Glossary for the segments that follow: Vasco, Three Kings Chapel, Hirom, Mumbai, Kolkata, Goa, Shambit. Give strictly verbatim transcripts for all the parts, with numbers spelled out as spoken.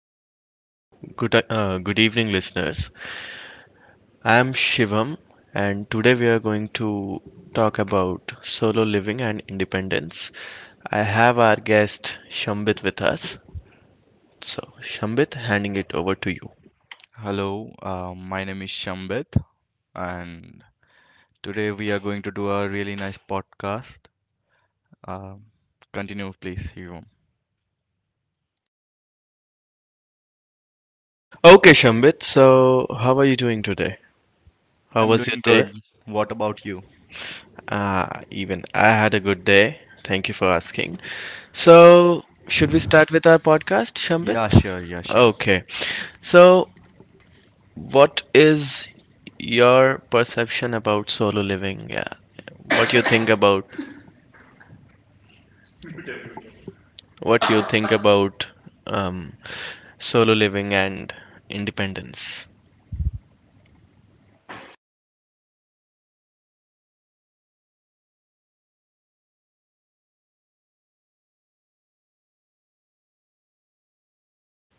Okay, so good uh, good evening, listeners. I am Shivam, and today we are going to talk about solo living and independence. I have our guest Shambit with us. So, Shambit, handing it over to you. Hello, uh, my name is Shambit, and today we are going to do a really nice podcast. Um continue, please, Hirom. Okay, Shambit. So, how are you doing today? How I'm was your doing day? good. What about you? Uh, even I had a good day. Thank you for asking. So, should we start with our podcast, Shambit? Yeah, sure, yeah, sure. Okay. So, what is your perception about solo living? Yeah. What you think about what you think about um, solo living and independence?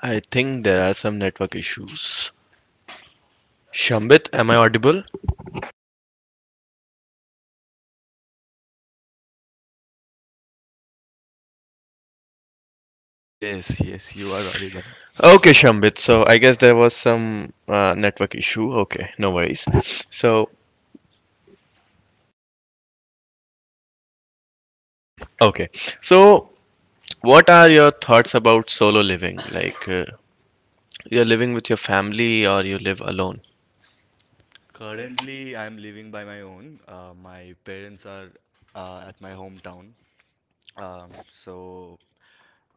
I think there are some network issues. Shambit, am I audible? Yes, yes, you are audible. Okay, Shambit. So I guess there was some uh, network issue. Okay, no worries. So, okay. So, what are your thoughts about solo living? Like, uh, you're living with your family or you live alone? Currently, I'm living by my own. Uh, my parents are uh, at my hometown. Um, so,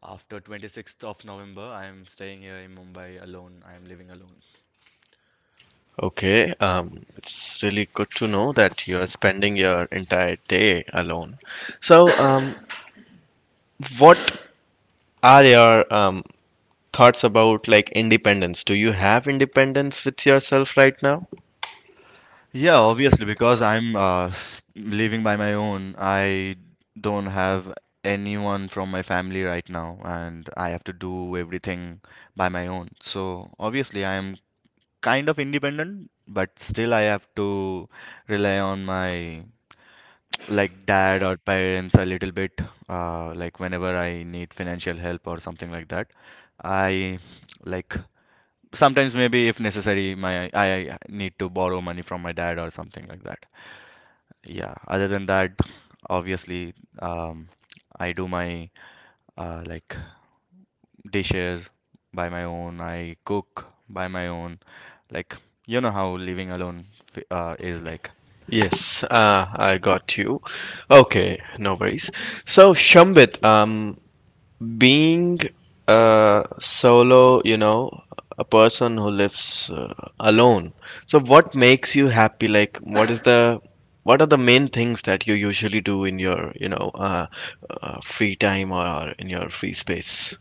after twenty-sixth of November, I'm staying here in Mumbai alone. I'm living alone. Okay, um, it's really good to know that you're spending your entire day alone. So, um, what are your um, thoughts about like independence? Do you have independence with yourself right now? Yeah, obviously, because I'm uh, s- living by my own, I don't have anyone from my family right now, and I have to do everything by my own. So, obviously, I am kind of independent, but still, I have to rely on my like dad or parents a little bit, uh, like whenever I need financial help or something like that. I like sometimes maybe if necessary, my I I need to borrow money from my dad or something like that. Yeah, other than that, obviously, um, I do my uh, like dishes by my own. I cook by my own. Like you know how living alone f- uh, is like. Yes, uh, I got you. Okay, no worries. So, Shambit, um, being a solo, you know, a person who lives uh, alone. So what makes you happy? Like, what is the what are the main things that you usually do in your, you know, uh, uh, free time or in your free space?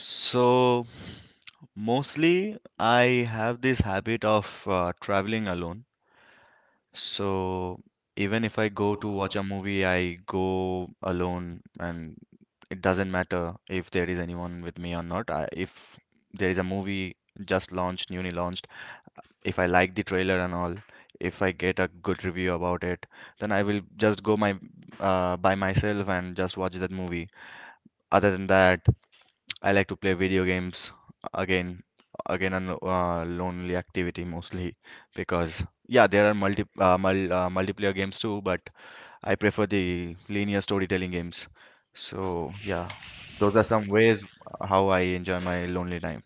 So mostly, I have this habit of uh, traveling alone. So even if I go to watch a movie, I go alone, and it doesn't matter if there is anyone with me or not. I, if there is a movie just launched, newly launched, if I like the trailer and all, if I get a good review about it, then I will just go my uh, by myself and just watch that movie. Other than that, I like to play video games again, again, a lo- uh, lonely activity mostly because yeah, there are multi uh, mul uh, multiplayer games too, but I prefer the linear storytelling games. So yeah, those are some ways how I enjoy my lonely time.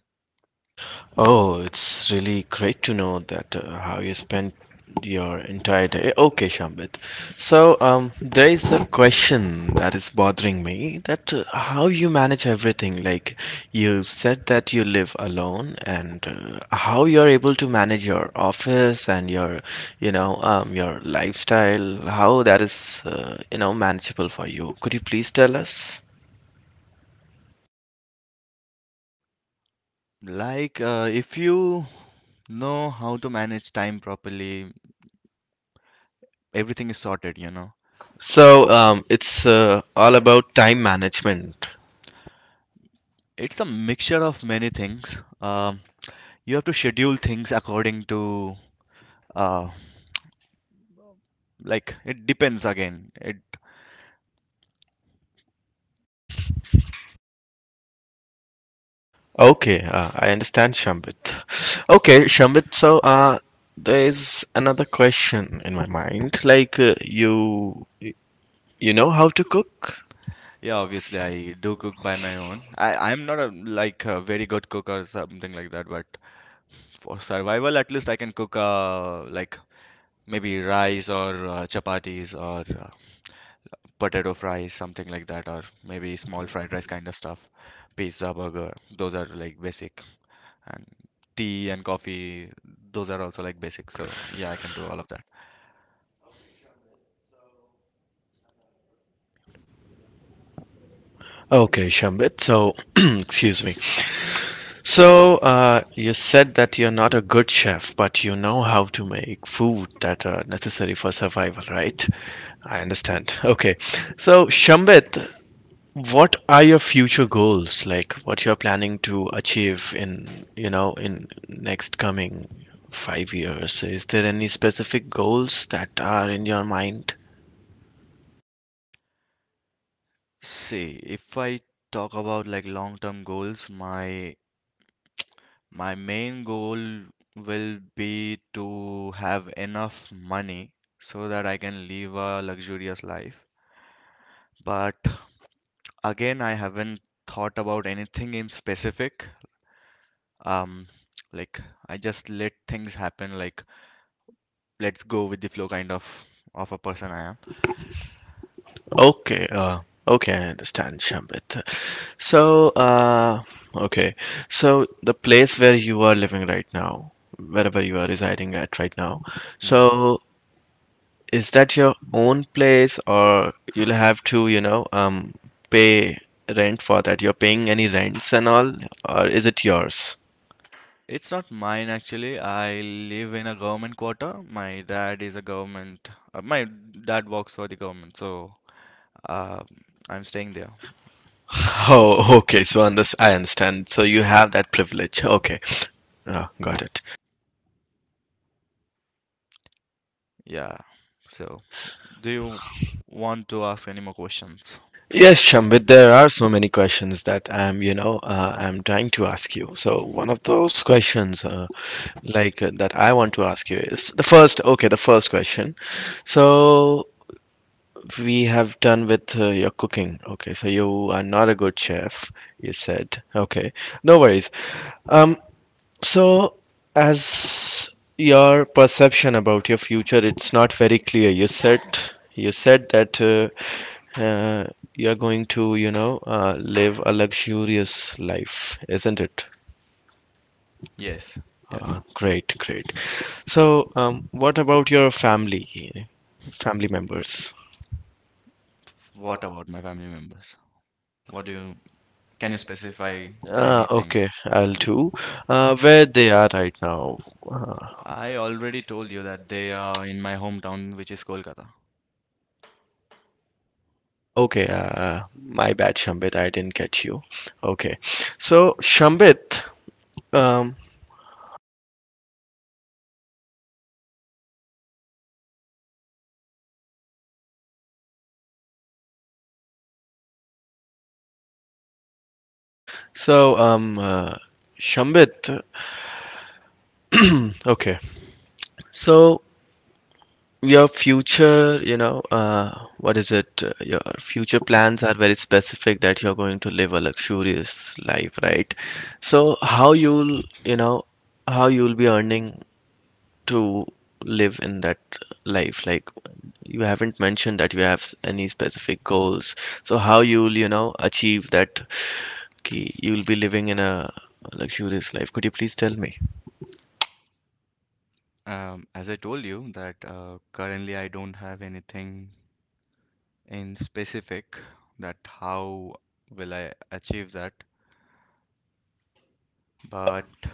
Oh, it's really great to know that uh, how you spent your entire day. Okay, Shambit. So, um, there is a question that is bothering me that uh, how you manage everything. Like you said that you live alone and uh, how you're able to manage your office and your, you know, um, your lifestyle, how that is, uh, you know, manageable for you. Could you please tell us? Like uh, if you know how to manage time properly, everything is sorted, you know. So, um, it's uh, all about time management. It's a mixture of many things. Um, you have to schedule things according to uh, like it depends again it. Okay, uh, I understand, Shambit. Okay, Shambit, so uh, there is another question in my mind. Like, uh, you you know how to cook? Yeah, obviously, I do cook by my own. I i'm not a like a very good cook or something like that, but for survival at least I can cook, uh like maybe rice or uh, chapatis or uh, potato fries, something like that, or maybe small fried rice kind of stuff, pizza, burger. Those are like basic, and tea and coffee, those are also like basic. So yeah, I can do all of that. Okay, Shambit, so excuse me. So, uh, you said that you're not a good chef, but you know how to make food that are necessary for survival, right? I understand. Okay. So, Shambit, what are your future goals? Like what you're planning to achieve in, you know, in next coming five years? Is there any specific goals that are in your mind? See, if I talk about like long term goals, my My main goal will be to have enough money so that I can live a luxurious life. But again, I haven't thought about anything in specific. Um, like I just let things happen, like let's go with the flow kind of of a person I am. Okay, uh, okay, I understand, Shambit. So, uh, okay, so the place where you are living right now, wherever you are residing at right now, Hmm. so is that your own place or you'll have to, you know, um, pay rent for that? You're paying any rents and all, or is it yours? It's not mine actually. I live in a government quarter. My dad is a government, uh, my dad works for the government, so uh, I'm staying there. Oh, okay. So under I understand. So you have that privilege. Okay. Oh, got it. Yeah. So, do you want to ask any more questions? Yes, Shambhit, there are so many questions that I'm, you know, uh, I'm trying to ask you. So one of those questions, uh, like uh, that I want to ask you is the first, okay, the first question. So we have done with uh, your cooking. Okay, so you are not a good chef, you said. Okay, no worries. Um, so as your perception about your future, it's not very clear. You said you said that uh, uh, you are going to, you know, uh, live a luxurious life, isn't it? Yes. Uh, Yes. great, great. So, um, what about your family, family members? What about my family members? What do you can you specify Uh, anything? okay, I'll do. Uh, where they are right now. Uh, I already told you that they are in my hometown, which is Kolkata. okay, uh, uh, my bad, Shambit, I didn't catch you. Okay, so Shambit, um, so um, uh, Shambit, okay, so your future, you know, uh, what is it? Uh, your future plans are very specific that you're going to live a luxurious life, right? So how you'll, you know, how you'll be earning to live in that life? Like you haven't mentioned that you have s- any specific goals. So how you'll, you know, achieve that. Okay, you'll be living in a luxurious life. Could you please tell me? Um, as I told you, that uh, currently I don't have anything in specific that how will I achieve that. But uh,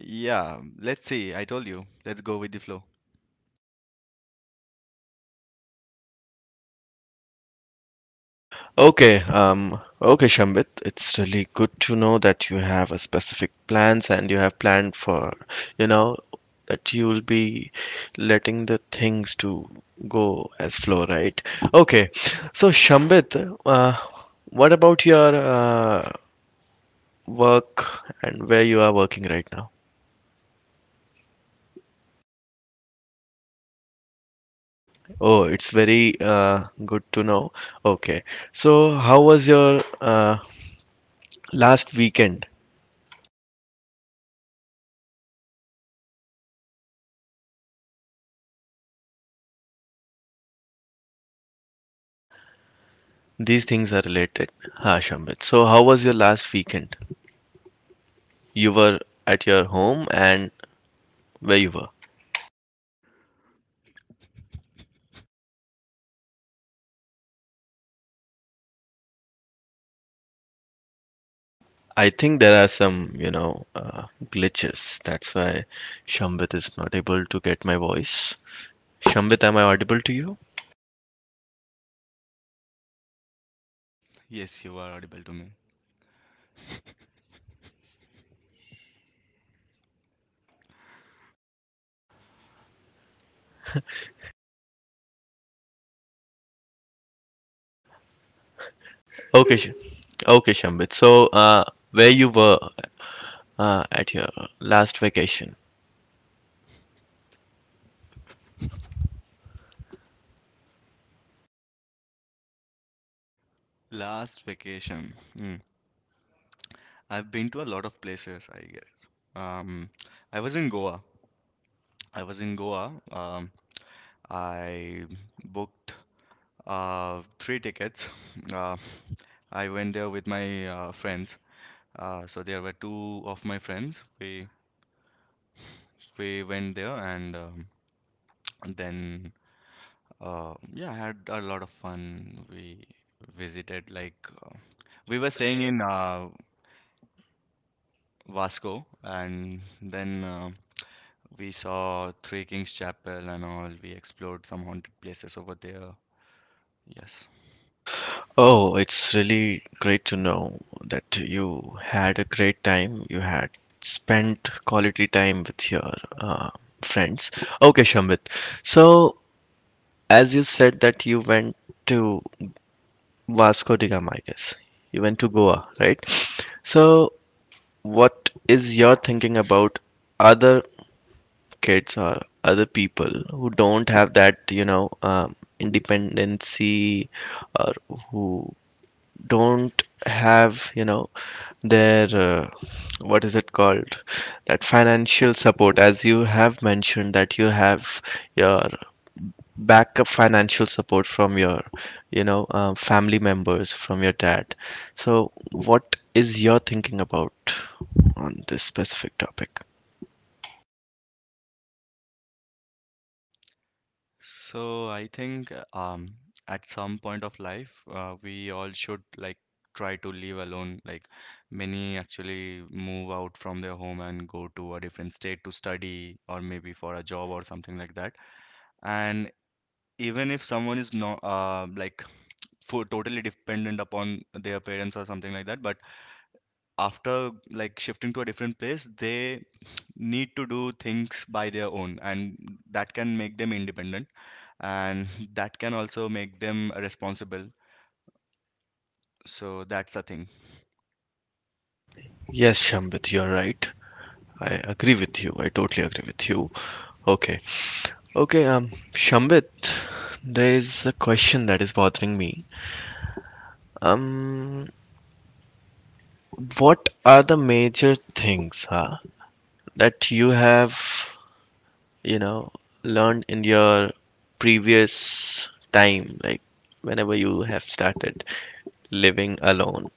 yeah, let's see. I told you, let's go with the flow. Okay, um, okay, Shambit, it's really good to know that you have a specific plans and you have planned for, you know, that you will be letting the things to go as flow, right? Okay, so Shambit, uh, what about your uh, work and where you are working right now? Oh, it's very uh, good to know. Okay, so how was your uh, last weekend? These things are related. Ha, Shambhit. So, how was your last weekend? You were at your home and where you were? I think there are some, you know, uh, glitches. That's why Shambhit is not able to get my voice. Shambhit, am I audible to you? Yes, you are audible to me. Okay, Sh- okay, Shambhit. So, uh, where you were uh, at your last vacation? Last vacation. Mm. I've been to a lot of places, I guess. Um, I was in Goa. I was in Goa. Um, I booked uh, three tickets. Uh, I went there with my uh, friends. Uh, so there were two of my friends. We we went there, and um, then uh, yeah, I had a lot of fun. We visited like uh, we were staying in uh, Vasco, and then uh, We saw Three Kings Chapel and all. We explored some haunted places over there. Yes. Oh, it's really great to know that you had a great time. You had spent quality time with your uh, friends. Okay, Shambhit. So, as you said that you went to Vasco da Gama, I guess. You went to Goa, right? So, what is your thinking about other kids or other people who don't have that, you know, um, independency or who don't have you know their uh, what is it called, that financial support, as you have mentioned that you have your backup financial support from your you know uh, family members, from your dad? So what is your thinking about on this specific topic? So I think uh, um at some point of life, uh, we all should like try to live alone. Like many actually move out from their home and go to a different state to study or maybe for a job or something like that. And even if someone is not uh, like for totally dependent upon their parents or something like that, but after like shifting to a different place, they need to do things by their own, and that can make them independent, and that can also make them responsible. So that's the thing. Yes, Shambhit, you are right. I agree with you. I totally agree with you. Okay, okay, um, Shambhit, there is a question that is bothering me. Um, what are the major things huh, that you have, you know, learned in your previous time, like whenever you have started living alone?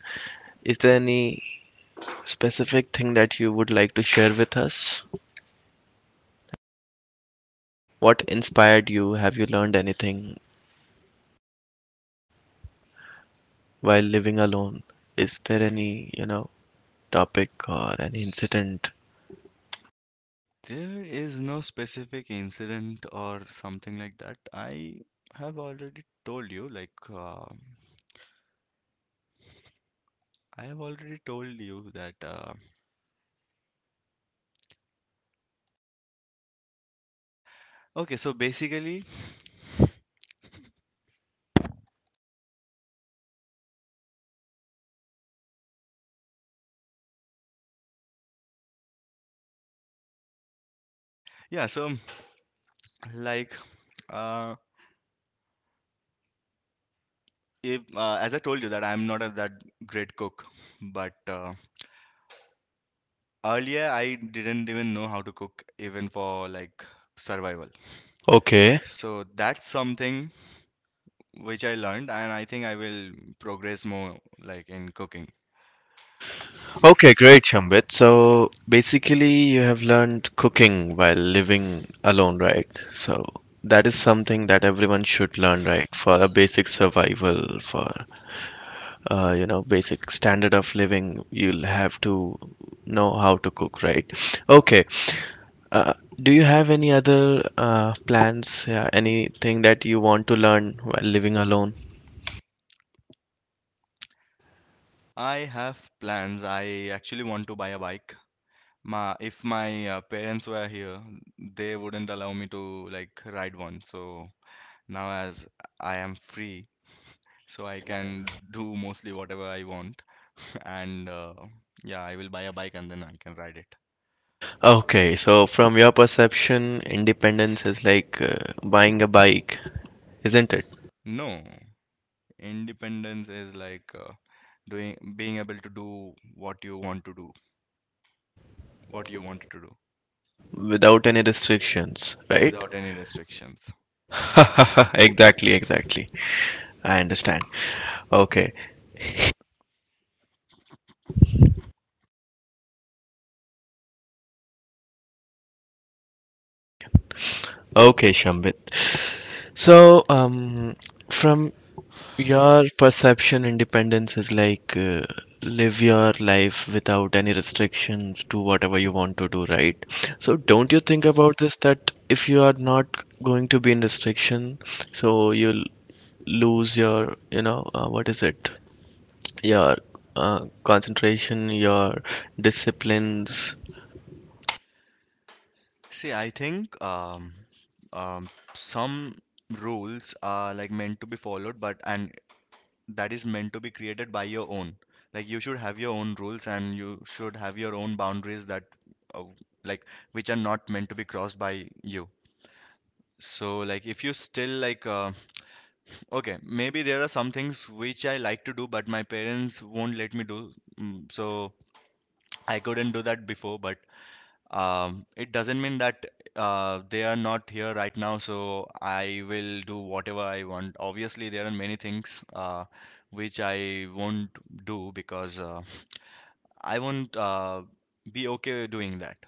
Is there any specific thing that you would like to share with us? What inspired you? Have you learned anything while living alone? Is there any, you know, topic or any incident? There is no specific incident or something like that. i have already told you like uh, I have already told you that uh, okay, so basically yeah, so like uh, if uh, as I told you that I'm not a that great cook, but uh, earlier, I didn't even know how to cook, even for like survival. Okay. So that's something which I learned, and I think I will progress more like in cooking. Okay, great, Shambhit. So basically, you have learned cooking while living alone, right? So that is something that everyone should learn, right? For a basic survival, for uh, you know, basic standard of living, you'll have to know how to cook, right? Okay. Uh, do you have any other uh, plans, uh, anything that you want to learn while living alone? I have plans. I actually want to buy a bike. My if my uh, parents were here, they wouldn't allow me to like ride one. So now as I am free, so I can do mostly whatever I want, and uh, yeah, I will buy a bike, and then I can ride it. Okay, so from your perception, independence is like uh, buying a bike, isn't it? No. Independence is like uh, doing being able to do what you want to do, what you wanted to do Without any restrictions, right? without any restrictions. Exactly, exactly. I understand. Okay, second. Okay, Shambit. So, um, from your perception, independence is like uh, live your life without any restrictions, do whatever you want to do, right? So, don't you think about this that if you are not going to be in restriction, so you'll lose your, you know, uh, what is it? Your uh, concentration, your disciplines, See, I think um, um, some rules are like meant to be followed, but and that is meant to be created by your own. Like you should have your own rules, and you should have your own boundaries that uh, like which are not meant to be crossed by you. So like if you still like uh, okay, maybe there are some things which I like to do, but my parents won't let me do. mm, So I couldn't do that before, but um, it doesn't mean that uh, they are not here right now, so I will do whatever I want. Obviously, there are many things uh, which I won't do because uh, I won't uh, be okay doing that.